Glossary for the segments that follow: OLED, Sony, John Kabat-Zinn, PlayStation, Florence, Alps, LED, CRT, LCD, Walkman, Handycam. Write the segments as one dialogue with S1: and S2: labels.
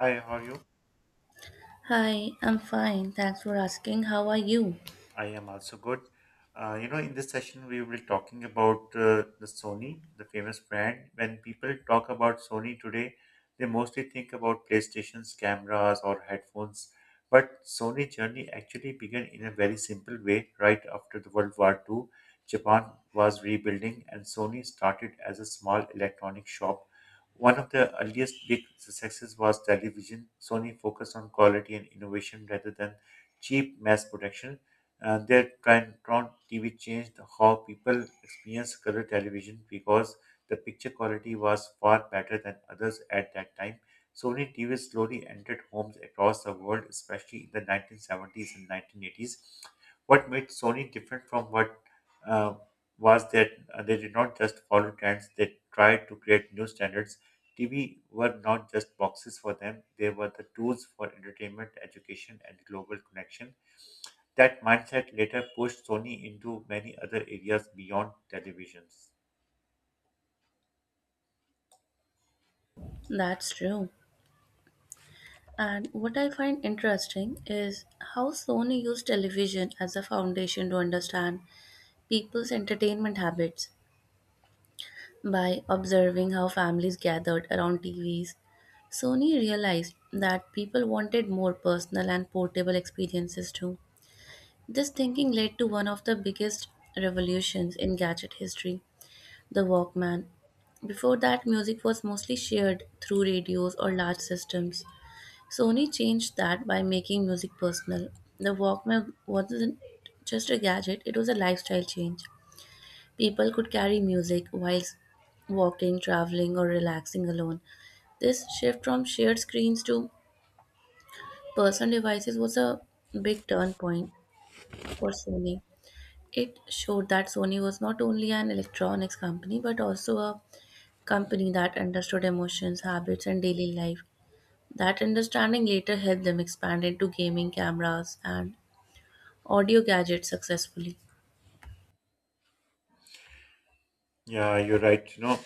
S1: Hi, how are you?
S2: Hi, I'm fine. Thanks for asking. How are you?
S1: I am also good. In this session, we will be talking about the Sony, the famous brand. When people talk about Sony today, they mostly think about PlayStations, cameras, or headphones. But Sony journey actually began in a very simple way right after the World War Two, Japan was rebuilding, and Sony started as a small electronic shop. One of the earliest big successes was television. Sony focused on quality and innovation rather than cheap mass production. They Tron TV changed how people experience color television because the picture quality was far better than others at that time. Sony TV slowly entered homes across the world, especially in the 1970s and 1980s. What made Sony different from what uh, was that they did not just follow trends; they tried to create new standards. TV were not just boxes for them; they were the tools for entertainment, education, and global connection. That mindset later pushed Sony into many other areas beyond televisions.
S2: That's true. And what I find interesting is how Sony used television as a foundation to understand people's entertainment habits. By observing how families gathered around TVs, Sony realized that people wanted more personal and portable experiences too. This thinking led to one of the biggest revolutions in gadget history. The Walkman. Before that, music was mostly shared through radios or large systems. Sony changed that by making music personal. The Walkman wasn't just a gadget, it was a lifestyle change. People could carry music while walking, traveling, or relaxing alone. This shift from shared screens to personal devices was a big turn point for Sony. It showed that Sony was not only an electronics company but also a company that understood emotions, habits, and daily life. That understanding later helped them expand into gaming cameras and audio gadgets successfully.
S1: Yeah, you're right. You know,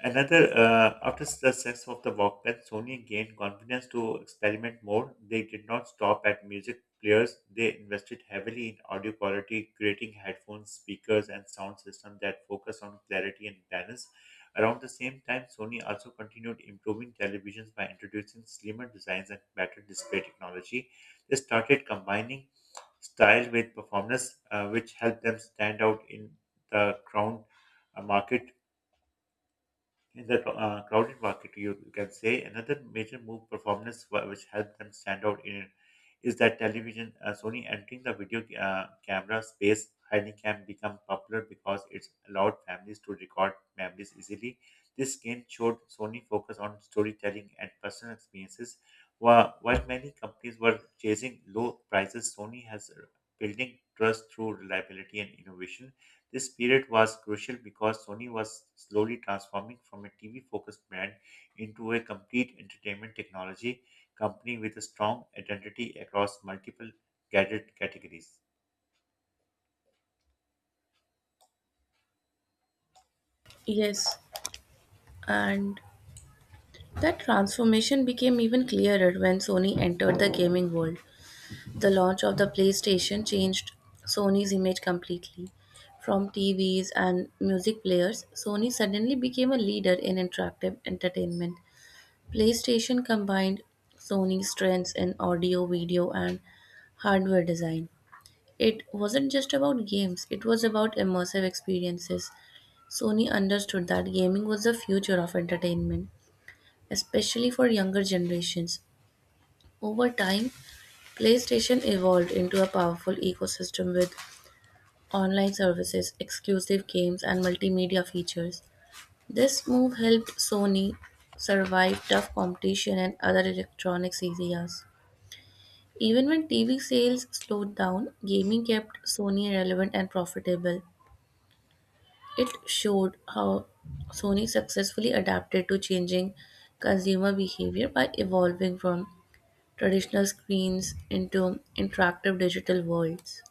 S1: Another, uh, After the success of the Walkman, Sony gained confidence to experiment more. They did not stop at music players. They invested heavily in audio quality, creating headphones, speakers, and sound systems that focus on clarity and balance. Around the same time, Sony also continued improving televisions by introducing slimmer designs and better display technology. They started combining style with performance, which helped them stand out in the crowd market in the crowded market, you can say another major move performance which helped them stand out in it is that television Sony entering the video camera space. Handycam become popular because it's allowed families to record memories easily. This game showed Sony focus on storytelling and personal experiences. While many companies were chasing low prices, Sony has building trust through reliability and innovation. This period was crucial because Sony was slowly transforming from a TV focused brand into a complete entertainment technology company with a strong identity across multiple gadget categories.
S2: Yes, and that transformation became even clearer when Sony entered the gaming world. The launch of the PlayStation changed Sony's image completely. From TVs and music players, Sony suddenly became a leader in interactive entertainment. PlayStation combined Sony's strengths in audio, video, and hardware design. It wasn't just about games, it was about immersive experiences. Sony understood that gaming was the future of entertainment, especially for younger generations. Over time, PlayStation evolved into a powerful ecosystem with online services, exclusive games, and multimedia features. This move helped Sony survive tough competition in other electronics areas. Even when TV sales slowed down, gaming kept Sony relevant and profitable. It showed how Sony successfully adapted to changing consumer behavior by evolving from traditional screens into interactive digital worlds.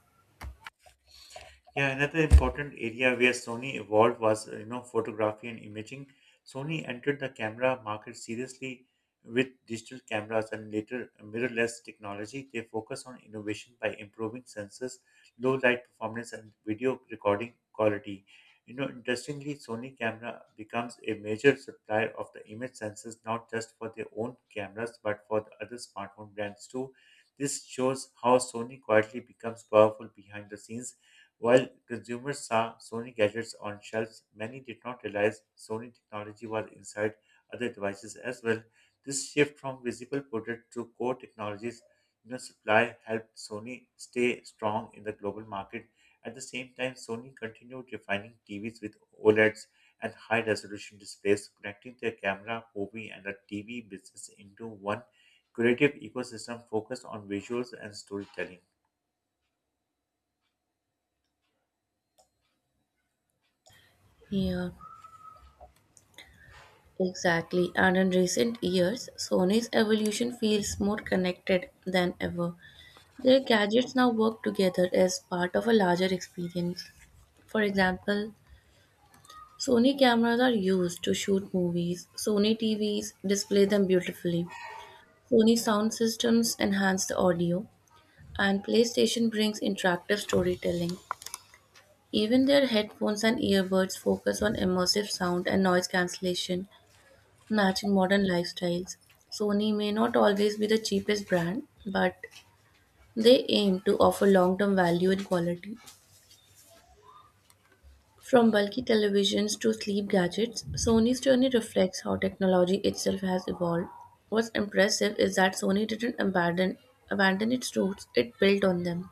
S1: Yeah, another important area where Sony evolved was, photography and imaging. Sony entered the camera market seriously with digital cameras and later mirrorless technology. They focus on innovation by improving sensors, low light performance, and video recording quality. You know, interestingly, Sony camera becomes a major supplier of the image sensors, not just for their own cameras, but for the other smartphone brands too. This shows how Sony quietly becomes powerful behind the scenes while consumers saw Sony gadgets on shelves, many did not realize Sony technology was inside other devices as well. This shift from visible product to core technologies, you know, supply helped Sony stay strong in the global market. At the same time, Sony continued refining TVs with OLEDs and high resolution displays, connecting their camera, movie, and the TV business into one creative ecosystem focused on visuals and storytelling.
S2: Yeah, exactly. And in recent years, Sony's evolution feels more connected than ever. Their gadgets now work together as part of a larger experience. For example, Sony cameras are used to shoot movies. Sony TVs display them beautifully. Sony sound systems enhance the audio, and PlayStation brings interactive storytelling. Even their headphones and earbuds focus on immersive sound and noise cancellation, matching modern lifestyles. Sony may not always be the cheapest brand, but they aim to offer long term value and quality. From bulky televisions to sleep gadgets, Sony's journey reflects how technology itself has evolved. What's impressive is that Sony didn't abandon its roots; it built on them.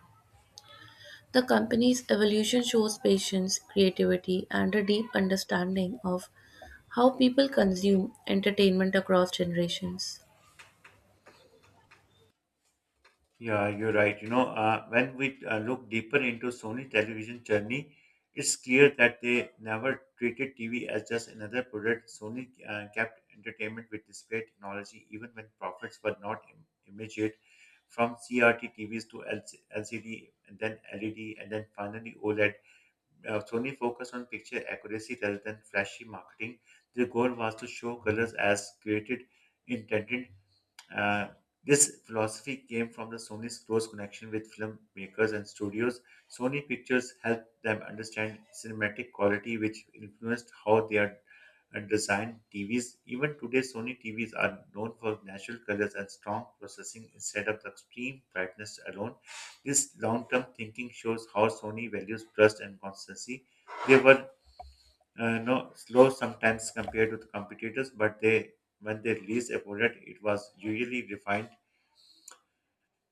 S2: The company's evolution shows patience, creativity, and a deep understanding of how people consume entertainment across generations.
S1: Yeah, you're right. When we look deeper into Sony television journey, it's clear that they never treated TV as just another product. Sony kept entertainment with display technology, even when profits were not immediate. From CRT TVs to LCD, and then LED, and then finally OLED, Sony focused on picture accuracy rather than flashy marketing. Their goal was to show colors as created intended. Uh, this philosophy came from the Sony's close connection with filmmakers and studios. Sony Pictures helped them understand cinematic quality, which influenced how they are designed TVs. Even today, Sony TVs are known for natural colors and strong processing instead of extreme brightness alone. This long term thinking shows how Sony values trust and constancy. They were no, slow sometimes compared to the competitors, but they when they released a product, it was usually refined.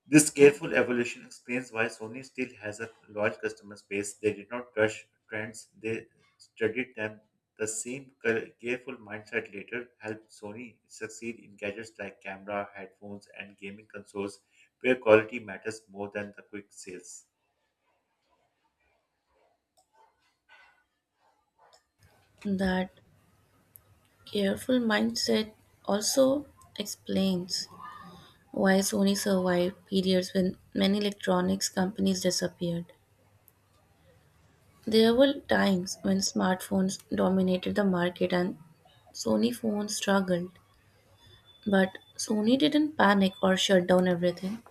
S1: This careful evolution explains why Sony still has a loyal customer base. They did not rush trends, they studied them. The same careful mindset later helped Sony succeed in gadgets like camera, headphones, and gaming consoles, where quality matters more than the quick sales.
S2: That careful mindset also explains why Sony survived periods when many electronics companies disappeared. There were times when smartphones dominated the market and Sony phones struggled, but Sony didn't panic or shut down everything.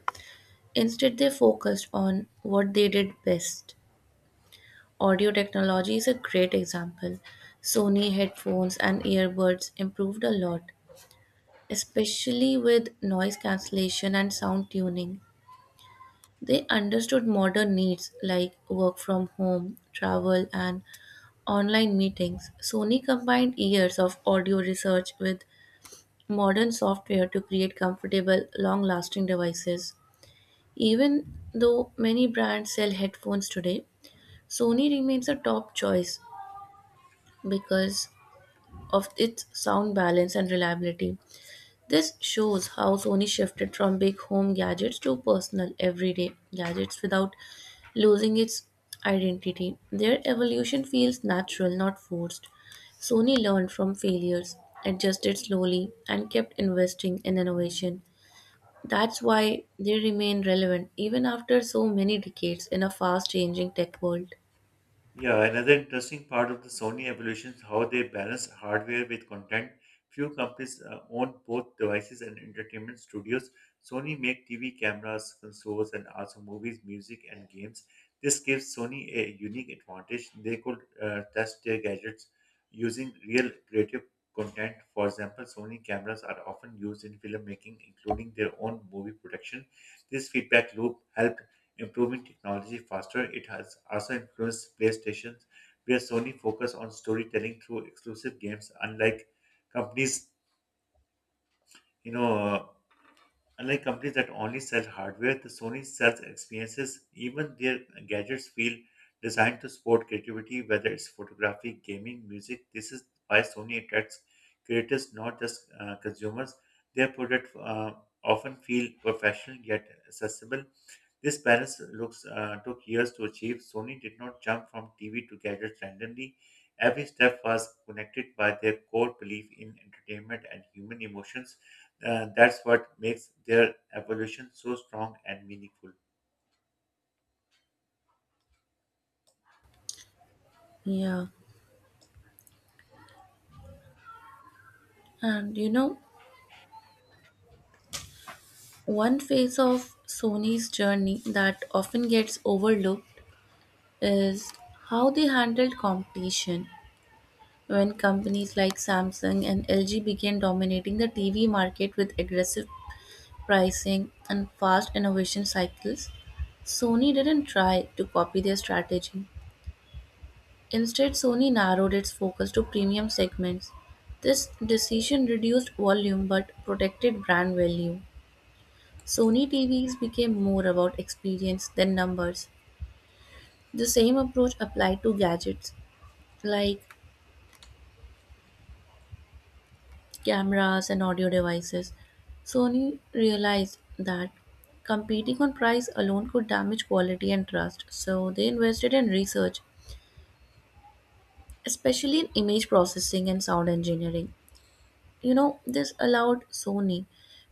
S2: Instead, they focused on what they did best. Audio technology is a great example. Sony headphones and earbuds improved a lot, especially with noise cancellation and sound tuning. They understood modern needs like work from home, travel, and online meetings. Sony combined years of audio research with modern software to create comfortable, long lasting devices. Even though many brands sell headphones today, Sony remains a top choice because of its sound balance and reliability. This shows how Sony shifted from big home gadgets to personal, everyday gadgets without losing its identity. Their evolution feels natural, not forced. Sony learned from failures, adjusted slowly, and kept investing in innovation. That's why they remain relevant even after so many decades in a fast changing tech world.
S1: Yeah, another interesting part of the Sony evolution is how they balance hardware with content. Few companies own both devices and entertainment studios. Sony make TV cameras, consoles, and also movies, music, and games. This gives Sony a unique advantage. They could test their gadgets using real creative content. For example, Sony cameras are often used in filmmaking, including their own movie production. This feedback loop helped improving technology faster. It has also influenced PlayStation, where Sony focused on storytelling through exclusive games, unlike companies, you know. Unlike companies that only sell hardware, the Sony sells experiences. Even their gadgets feel designed to support creativity, whether it's photography, gaming, music. This is why Sony attracts creators, not just consumers. Their products often feel professional yet accessible. This balance looks took years to achieve. Sony did not jump from TV to gadgets randomly. Every step was connected by their core belief in entertainment and human emotions. That's what makes their evolution so strong and meaningful.
S2: Yeah, and you know, one phase of Sony's journey that often gets overlooked is how they handled competition when companies like Samsung and LG began dominating the TV market with aggressive pricing and fast innovation cycles. Sony didn't try to copy their strategy. Instead, Sony narrowed its focus to premium segments. This decision reduced volume but protected brand value. Sony TVs became more about experience than numbers. The same approach applied to gadgets like cameras and audio devices. Sony realized that competing on price alone could damage quality and trust, so they invested in research, especially in image processing and sound engineering. You know, this allowed Sony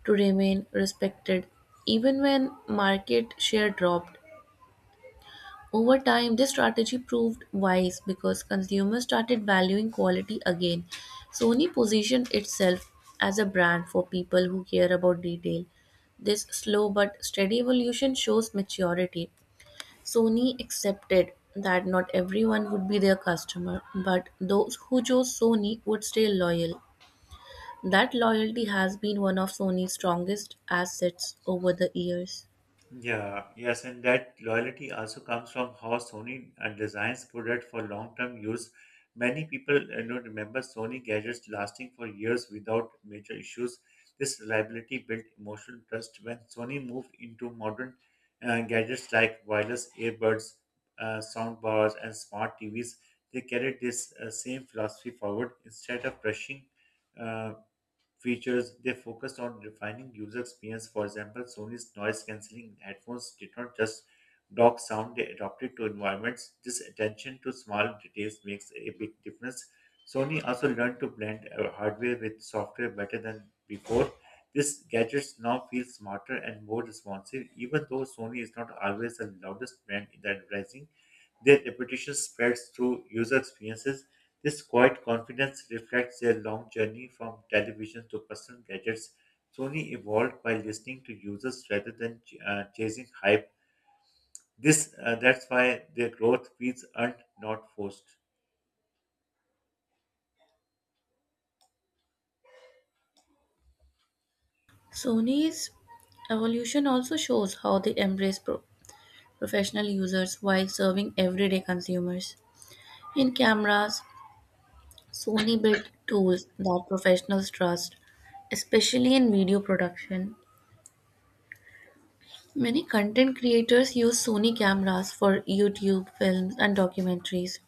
S2: to remain respected even when market share dropped. Over time, this strategy proved wise because consumers started valuing quality again. Sony positioned itself as a brand for people who care about detail. This slow but steady evolution shows maturity. Sony accepted that not everyone would be their customer, but those who chose Sony would stay loyal. That loyalty has been one of Sony's strongest assets over the years.
S1: Yeah, yes, and that loyalty also comes from how Sony designs product for long-term use. Many people, remember Sony gadgets lasting for years without major issues. This reliability built emotional trust when Sony moved into modern gadgets like wireless earbuds, sound bars, and smart TVs. They carried this same philosophy forward instead of rushing. uh, features. They focused on refining user experience. For example, Sony's noise cancelling headphones did not just block sound, they adapted to environments. This attention to small details makes a big difference. Sony also learned to blend hardware with software better than before. These gadgets now feel smarter and more responsive, even though Sony is not always the loudest brand in the advertising. Their reputation spreads through user experiences. This quiet confidence reflects their long journey from television to personal gadgets. Sony evolved by listening to users rather than chasing hype. This that's why their growth feels earned, not forced.
S2: Sony's evolution also shows how they embrace professional users while serving everyday consumers. In cameras, Sony built tools that professionals trust, especially in video production. Many content creators use Sony cameras for YouTube, films, and documentaries.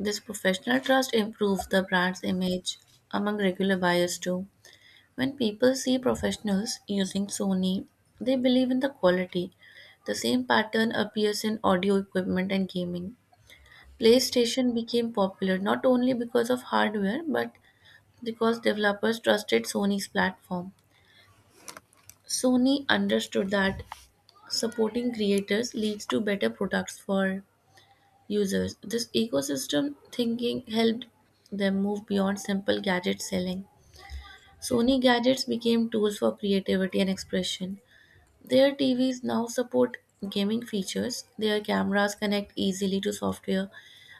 S2: This professional trust improves the brand's image among regular buyers too. When people see professionals using Sony, they believe in the quality. The same pattern appears in audio equipment and gaming. PlayStation became popular not only because of hardware but because developers trusted Sony's platform. Sony understood that supporting creators leads to better products for users. This ecosystem thinking helped them move beyond simple gadget selling. Sony gadgets became tools for creativity and expression. Their TVs now support gaming features, their cameras connect easily to software,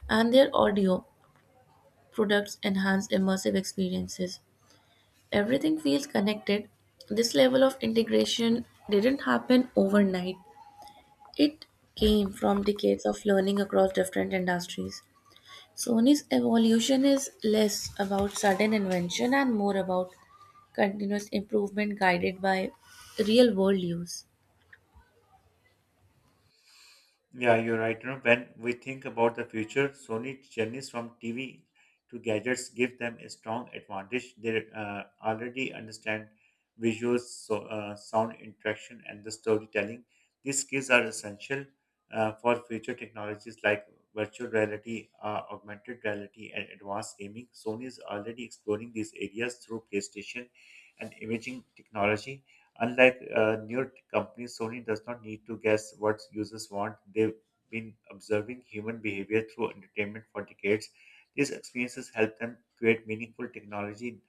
S2: and their audio products enhance immersive experiences. Everything feels connected. This level of integration didn't happen overnight. It came from decades of learning across different industries. Sony's evolution is less about sudden invention and more about continuous improvement guided by real world use.
S1: Yeah, you're right. You know, when we think about the future, Sony journeys from TV to gadgets give them a strong advantage. They already understand visuals, so, sound interaction, and the storytelling. These skills are essential for future technologies like virtual reality, augmented reality, and advanced gaming. Sony is already exploring these areas through PlayStation and imaging technology. Unlike newer companies, Sony does not need to guess what users want. They've been observing human behavior through entertainment for decades. These experiences help them create meaningful technology,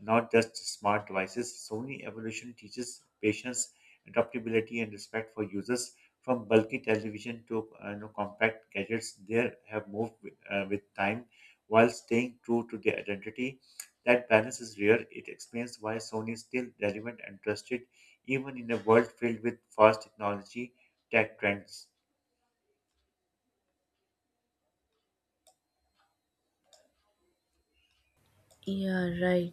S1: not just smart devices. Sony evolution teaches patience, adaptability, and respect for users. From bulky television to, compact gadgets, they have moved with time while staying true to their identity. That balance is rare. It explains why Sony is still relevant and trusted even in a world filled with fast technology tech trends.
S2: Yeah, right.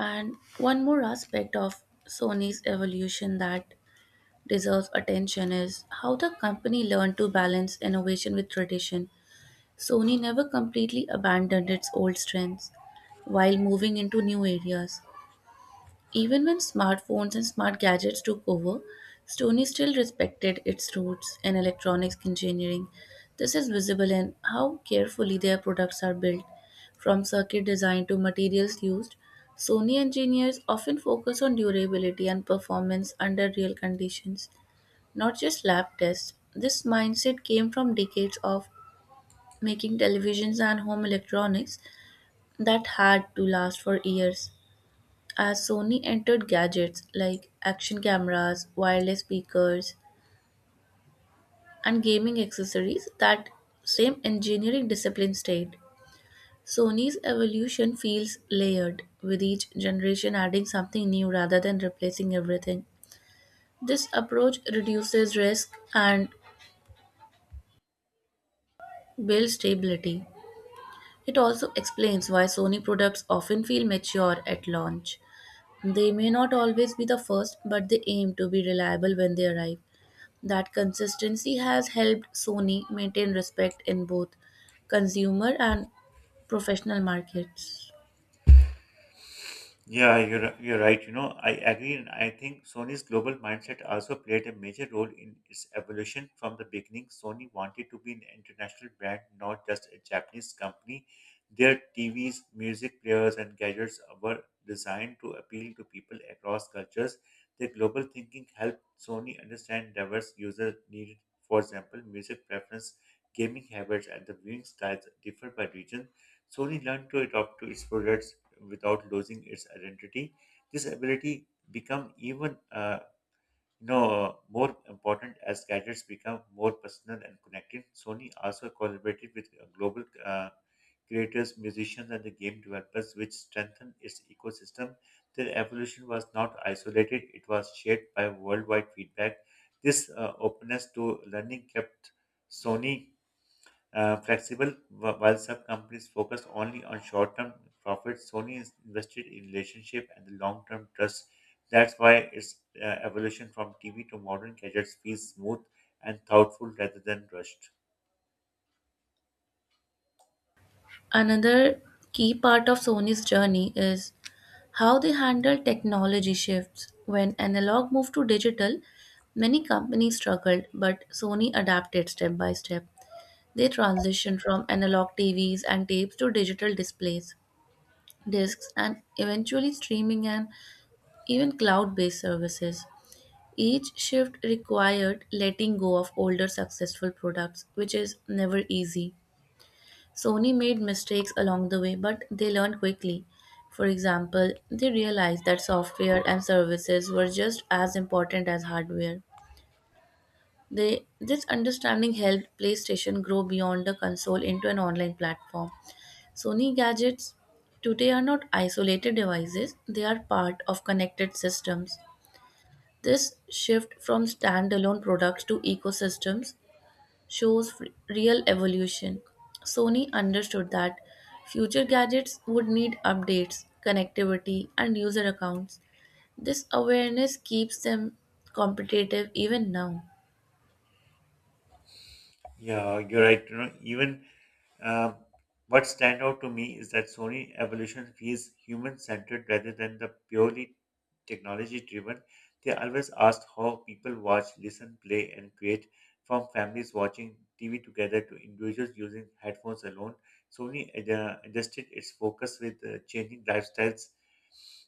S2: And one more aspect of Sony's evolution that deserves attention is how the company learned to balance innovation with tradition. Sony never completely abandoned its old strengths while moving into new areas. Even when smartphones and smart gadgets took over, Sony still respected its roots in electronics engineering. This is visible in how carefully their products are built. From circuit design to materials used, Sony engineers often focus on durability and performance under real conditions, not just lab tests. This mindset came from decades of making televisions and home electronics that had to last for years. As Sony entered gadgets like action cameras, wireless speakers, and gaming accessories, that same engineering discipline stayed. Sony's evolution feels layered, with each generation adding something new rather than replacing everything. This approach reduces risk and builds stability. It also explains why Sony products often feel mature at launch. They may not always be the first, but they aim to be reliable when they arrive. That consistency has helped Sony maintain respect in both consumer and professional markets.
S1: Yeah, you're right. You know, I agree, and I think Sony's global mindset also played a major role in its evolution from the beginning. Sony wanted to be an international brand, not just a Japanese company. Their TVs, music players, and gadgets were designed to appeal to people across cultures. Their global thinking helped Sony understand diverse user needs. For example, music preference, gaming habits, and the viewing styles differ by region. Sony learned to adapt to its products without losing its identity. This ability become even more important as gadgets become more personal and connected. Sony also collaborated with global creators, musicians, and the game developers, which strengthened its ecosystem. Their evolution was not isolated; it was shaped by worldwide feedback. This openness to learning kept Sony flexible, while some companies focus only on short-term profits. Sony is invested in relationship and the long-term trust. That's why its evolution from TV to modern gadgets feels smooth and thoughtful rather than rushed.
S2: Another key part of Sony's journey is how they handle technology shifts. When analog moved to digital, many companies struggled, but Sony adapted step by step. They transitioned from analog TVs and tapes to digital displays, discs, and eventually streaming and even cloud based services. Each shift required letting go of older successful products, which is never easy. Sony made mistakes along the way, but they learned quickly. For example, they realized that software and services were just as important as hardware. This understanding helped PlayStation grow beyond the console into an online platform. Sony gadgets today are not isolated devices, they are part of connected systems. This shift from standalone products to ecosystems shows real evolution. Sony understood that future gadgets would need updates, connectivity, and user accounts. This awareness keeps them competitive even now.
S1: Yeah, you're right. You know, even Um, what stand out to me is that Sony evolution feels human-centered rather than the purely technology-driven. They always ask how people watch, listen, play, and create, from families watching TV together to individuals using headphones alone. Sony adjusted its focus with changing lifestyles.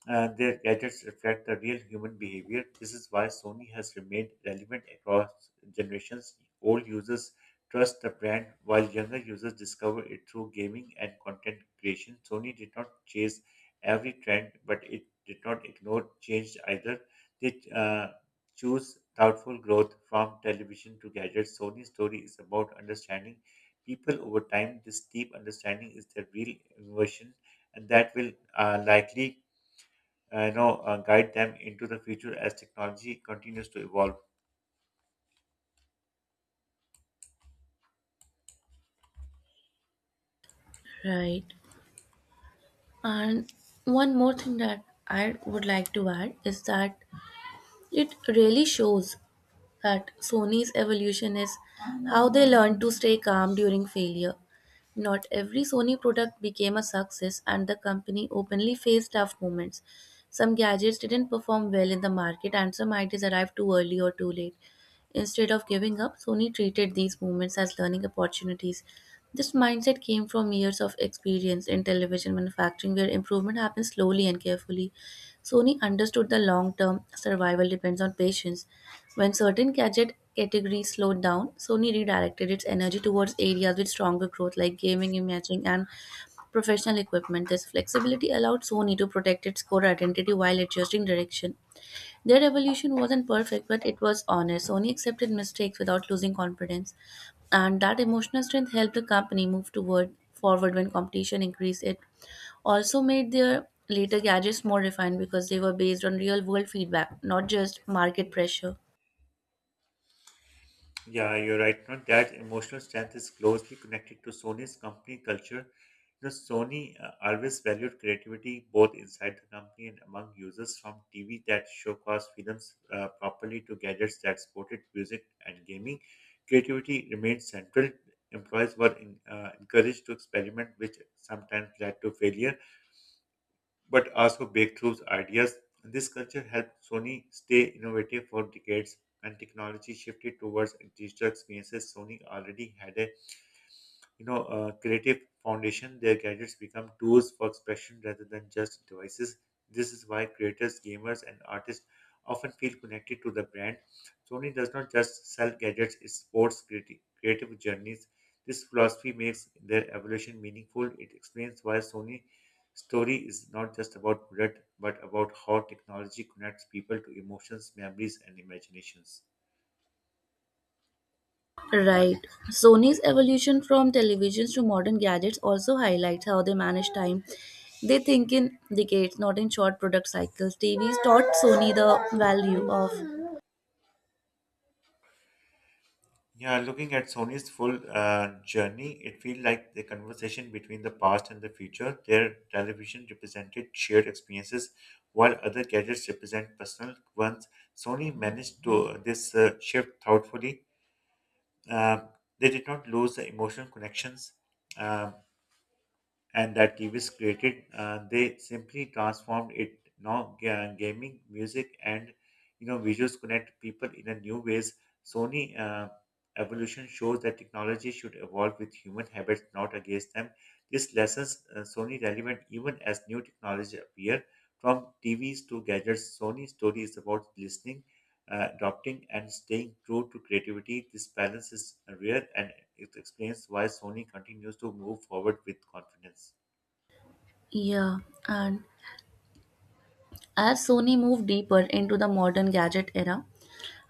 S1: Their gadgets reflect the real human behavior. This is why Sony has remained relevant across generations. Old users trust the brand, while younger users discover it through gaming and content creation. Sony did not chase every trend, but it did not ignore change either. They Choose thoughtful growth from television to gadgets. Sony's story is about understanding people over time. This deep understanding is their real innovation, and that will likely guide them into the future as technology continues to evolve.
S2: Right. And one more thing that I would like to add is that it really shows that Sony's evolution is how they learn to stay calm during failure. Not every Sony product became a success, and the company openly faced tough moments. Some gadgets didn't perform well in the market, and some ideas arrived too early or too late. Instead of giving up, Sony treated these moments as learning opportunities. This mindset came from years of experience in television manufacturing, where improvement happens slowly and carefully. Sony understood the long-term survival depends on patience. When certain gadget categories slowed down, Sony redirected its energy towards areas with stronger growth like gaming, imaging, and professional equipment. This flexibility allowed Sony to protect its core identity while adjusting direction. Their evolution wasn't perfect, but it was honest. Sony accepted mistakes without losing confidence, and that emotional strength helped the company move toward forward when competition increased. It also made their later gadgets more refined because they were based on real world feedback, not just market pressure.
S1: Yeah, you're right. Not that emotional strength is closely connected to Sony's company culture. Sony always valued creativity both inside the company and among users, from TV that showcased films properly to gadgets that supported music and gaming. Creativity remained central. Employees were encouraged to experiment, which sometimes led to failure but also break through ideas. This culture helped Sony stay innovative for decades, and technology shifted towards digital experiences. Sony already had a creative foundation, their gadgets become tools for expression rather than just devices. This is why creators, gamers, and artists often feel connected to the brand. Sony does not just sell gadgets, it supports creative journeys. This philosophy makes their evolution meaningful. It explains why Sony story is not just about product, but about how technology connects people to emotions, memories, and imaginations.
S2: Right. Sony's evolution from televisions to modern gadgets also highlights how they manage time. They think in decades, not in short product cycles. TVs taught Sony the value of
S1: Yeah, looking at Sony's full journey, it feels like the conversation between the past and the future. Their television represented shared experiences, while other gadgets represent personal ones. Sony managed to this shift thoughtfully. Um they did not lose the emotional connections. Um and that Gibbs created, they simply transformed it. Now, gaming, music, and visuals connect people in a new ways. Sony evolution shows that technology should evolve with human habits, not against them. This lessons Sony relevant even as new technology appear. From TVs to gadgets, Sony's story is about listening, adopting, and staying true to creativity. This balance is rare and it explains why Sony continues to move forward with confidence.
S2: yeah, and as Sony moved deeper into the modern gadget era,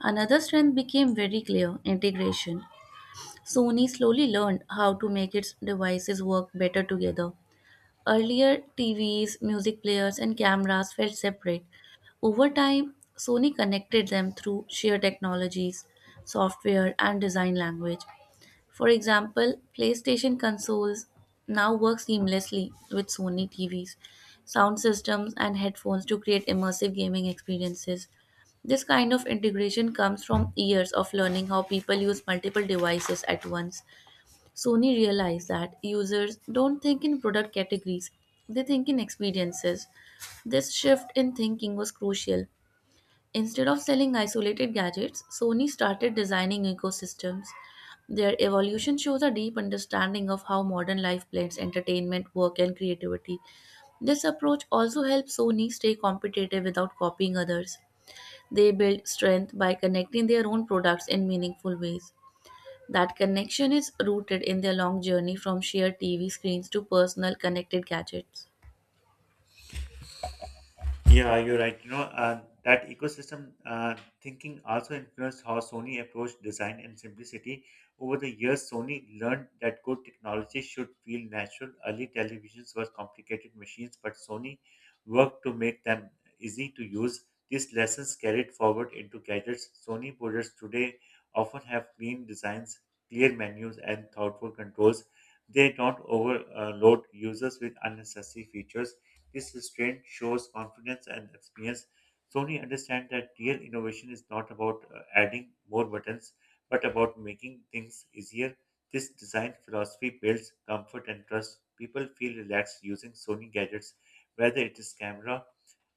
S2: another strength became very clear: integration. Sony slowly learned how to make its devices work better together. Earlier, TVs, music players, and cameras felt separate. Over time, Sony connected them through shared technologies, software, and design language. For example, PlayStation consoles now work seamlessly with Sony TVs, sound systems, and headphones to create immersive gaming experiences. This kind of integration comes from years of learning how people use multiple devices at once. Sony realized that users don't think in product categories, they think in experiences. This shift in thinking was crucial. Instead of selling isolated gadgets, Sony started designing ecosystems. Their evolution shows a deep understanding of how modern life blends entertainment, work, and creativity. This approach also helps Sony stay competitive without copying others. They build strength by connecting their own products in meaningful ways. That connection is rooted in their long journey from shared TV screens to personal connected gadgets.
S1: Yeah, you're right. That ecosystem thinking also influenced how Sony approached design and simplicity. Over the years, Sony learned that good technology should feel natural. Early televisions were complicated machines, but Sony worked to make them easy to use. These lessons carried forward into gadgets. Sony products today often have clean designs, clear menus, and thoughtful controls. They don't overload users with unnecessary features. This restraint shows confidence and experience. Sony understands that real innovation is not about adding more buttons, but about making things easier. This design philosophy builds comfort and trust. People feel relaxed using Sony gadgets, whether it is camera,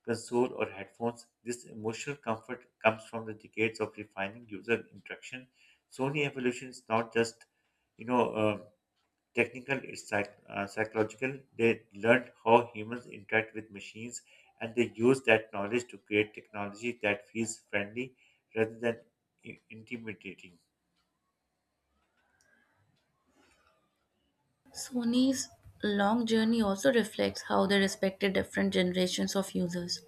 S1: console, or headphones. This emotional comfort comes from the decades of refining user interaction. Sony evolution is not just you know. um technical, it's psychological. They learned how humans interact with machines and they use that knowledge to create technology that feels friendly rather than intimidating.
S2: Sony's long journey also reflects how they respected different generations of users.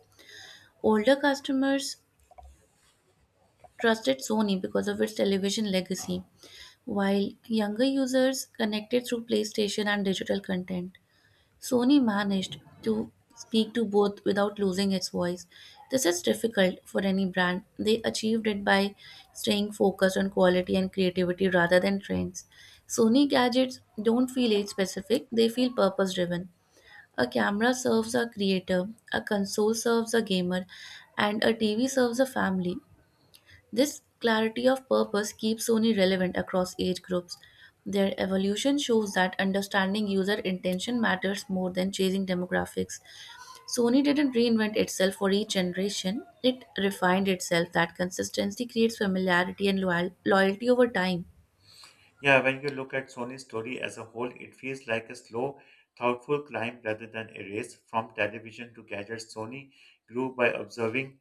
S2: Older customers trusted Sony because of its television legacy, while younger users connected through PlayStation and digital content. Sony managed to speak to both without losing its voice. This is difficult for any brand. They achieved it by staying focused on quality and creativity rather than trends. Sony gadgets don't feel age specific, they feel purpose driven. A camera serves a creator, a console serves a gamer, and a TV serves a family. This clarity of purpose keeps Sony relevant across age groups. Their evolution shows that understanding user intention matters more than chasing demographics. Sony didn't reinvent itself for each generation, it refined itself. That consistency creates familiarity and loyalty over time.
S1: Yeah, when you look at Sony's story as a whole, it feels like a slow, thoughtful climb rather than a race. From television to gadgets, Sony grew by observing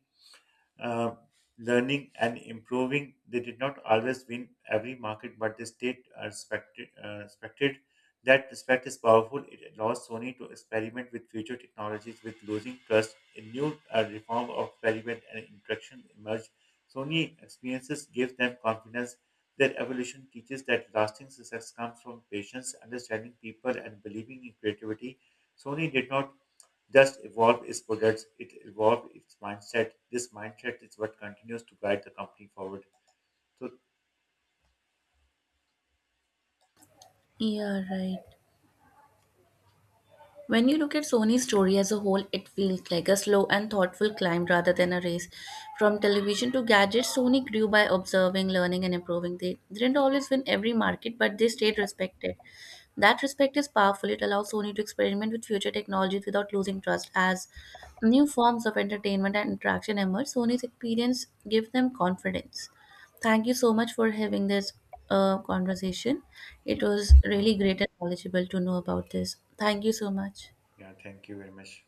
S1: uh, learning and improving. They did not always win every market, but they stayed respected. Respected. That respect is powerful. It allows Sony to experiment with future technologies with losing trust. A new reform of experiment and interaction emerged. Sony experiences give them confidence. Their evolution teaches that lasting success comes from patience, understanding people, and believing in creativity. Sony did not just evolve its products, it evolved its mindset. This mindset is what continues to guide the company forward. So,
S2: Yeah, right. When you look at Sony's story as a whole, it feels like a slow and thoughtful climb rather than a race. From television to gadgets, Sony grew by observing, learning, and improving. They didn't always win every market, but they stayed respected. That respect is powerful. It allows Sony to experiment with future technologies without losing trust. As new forms of entertainment and interaction emerge, Sony's experience gives them confidence. Thank you so much for having this conversation. It was really great and knowledgeable to know about this. Thank you so much.
S1: yeah, thank you very much.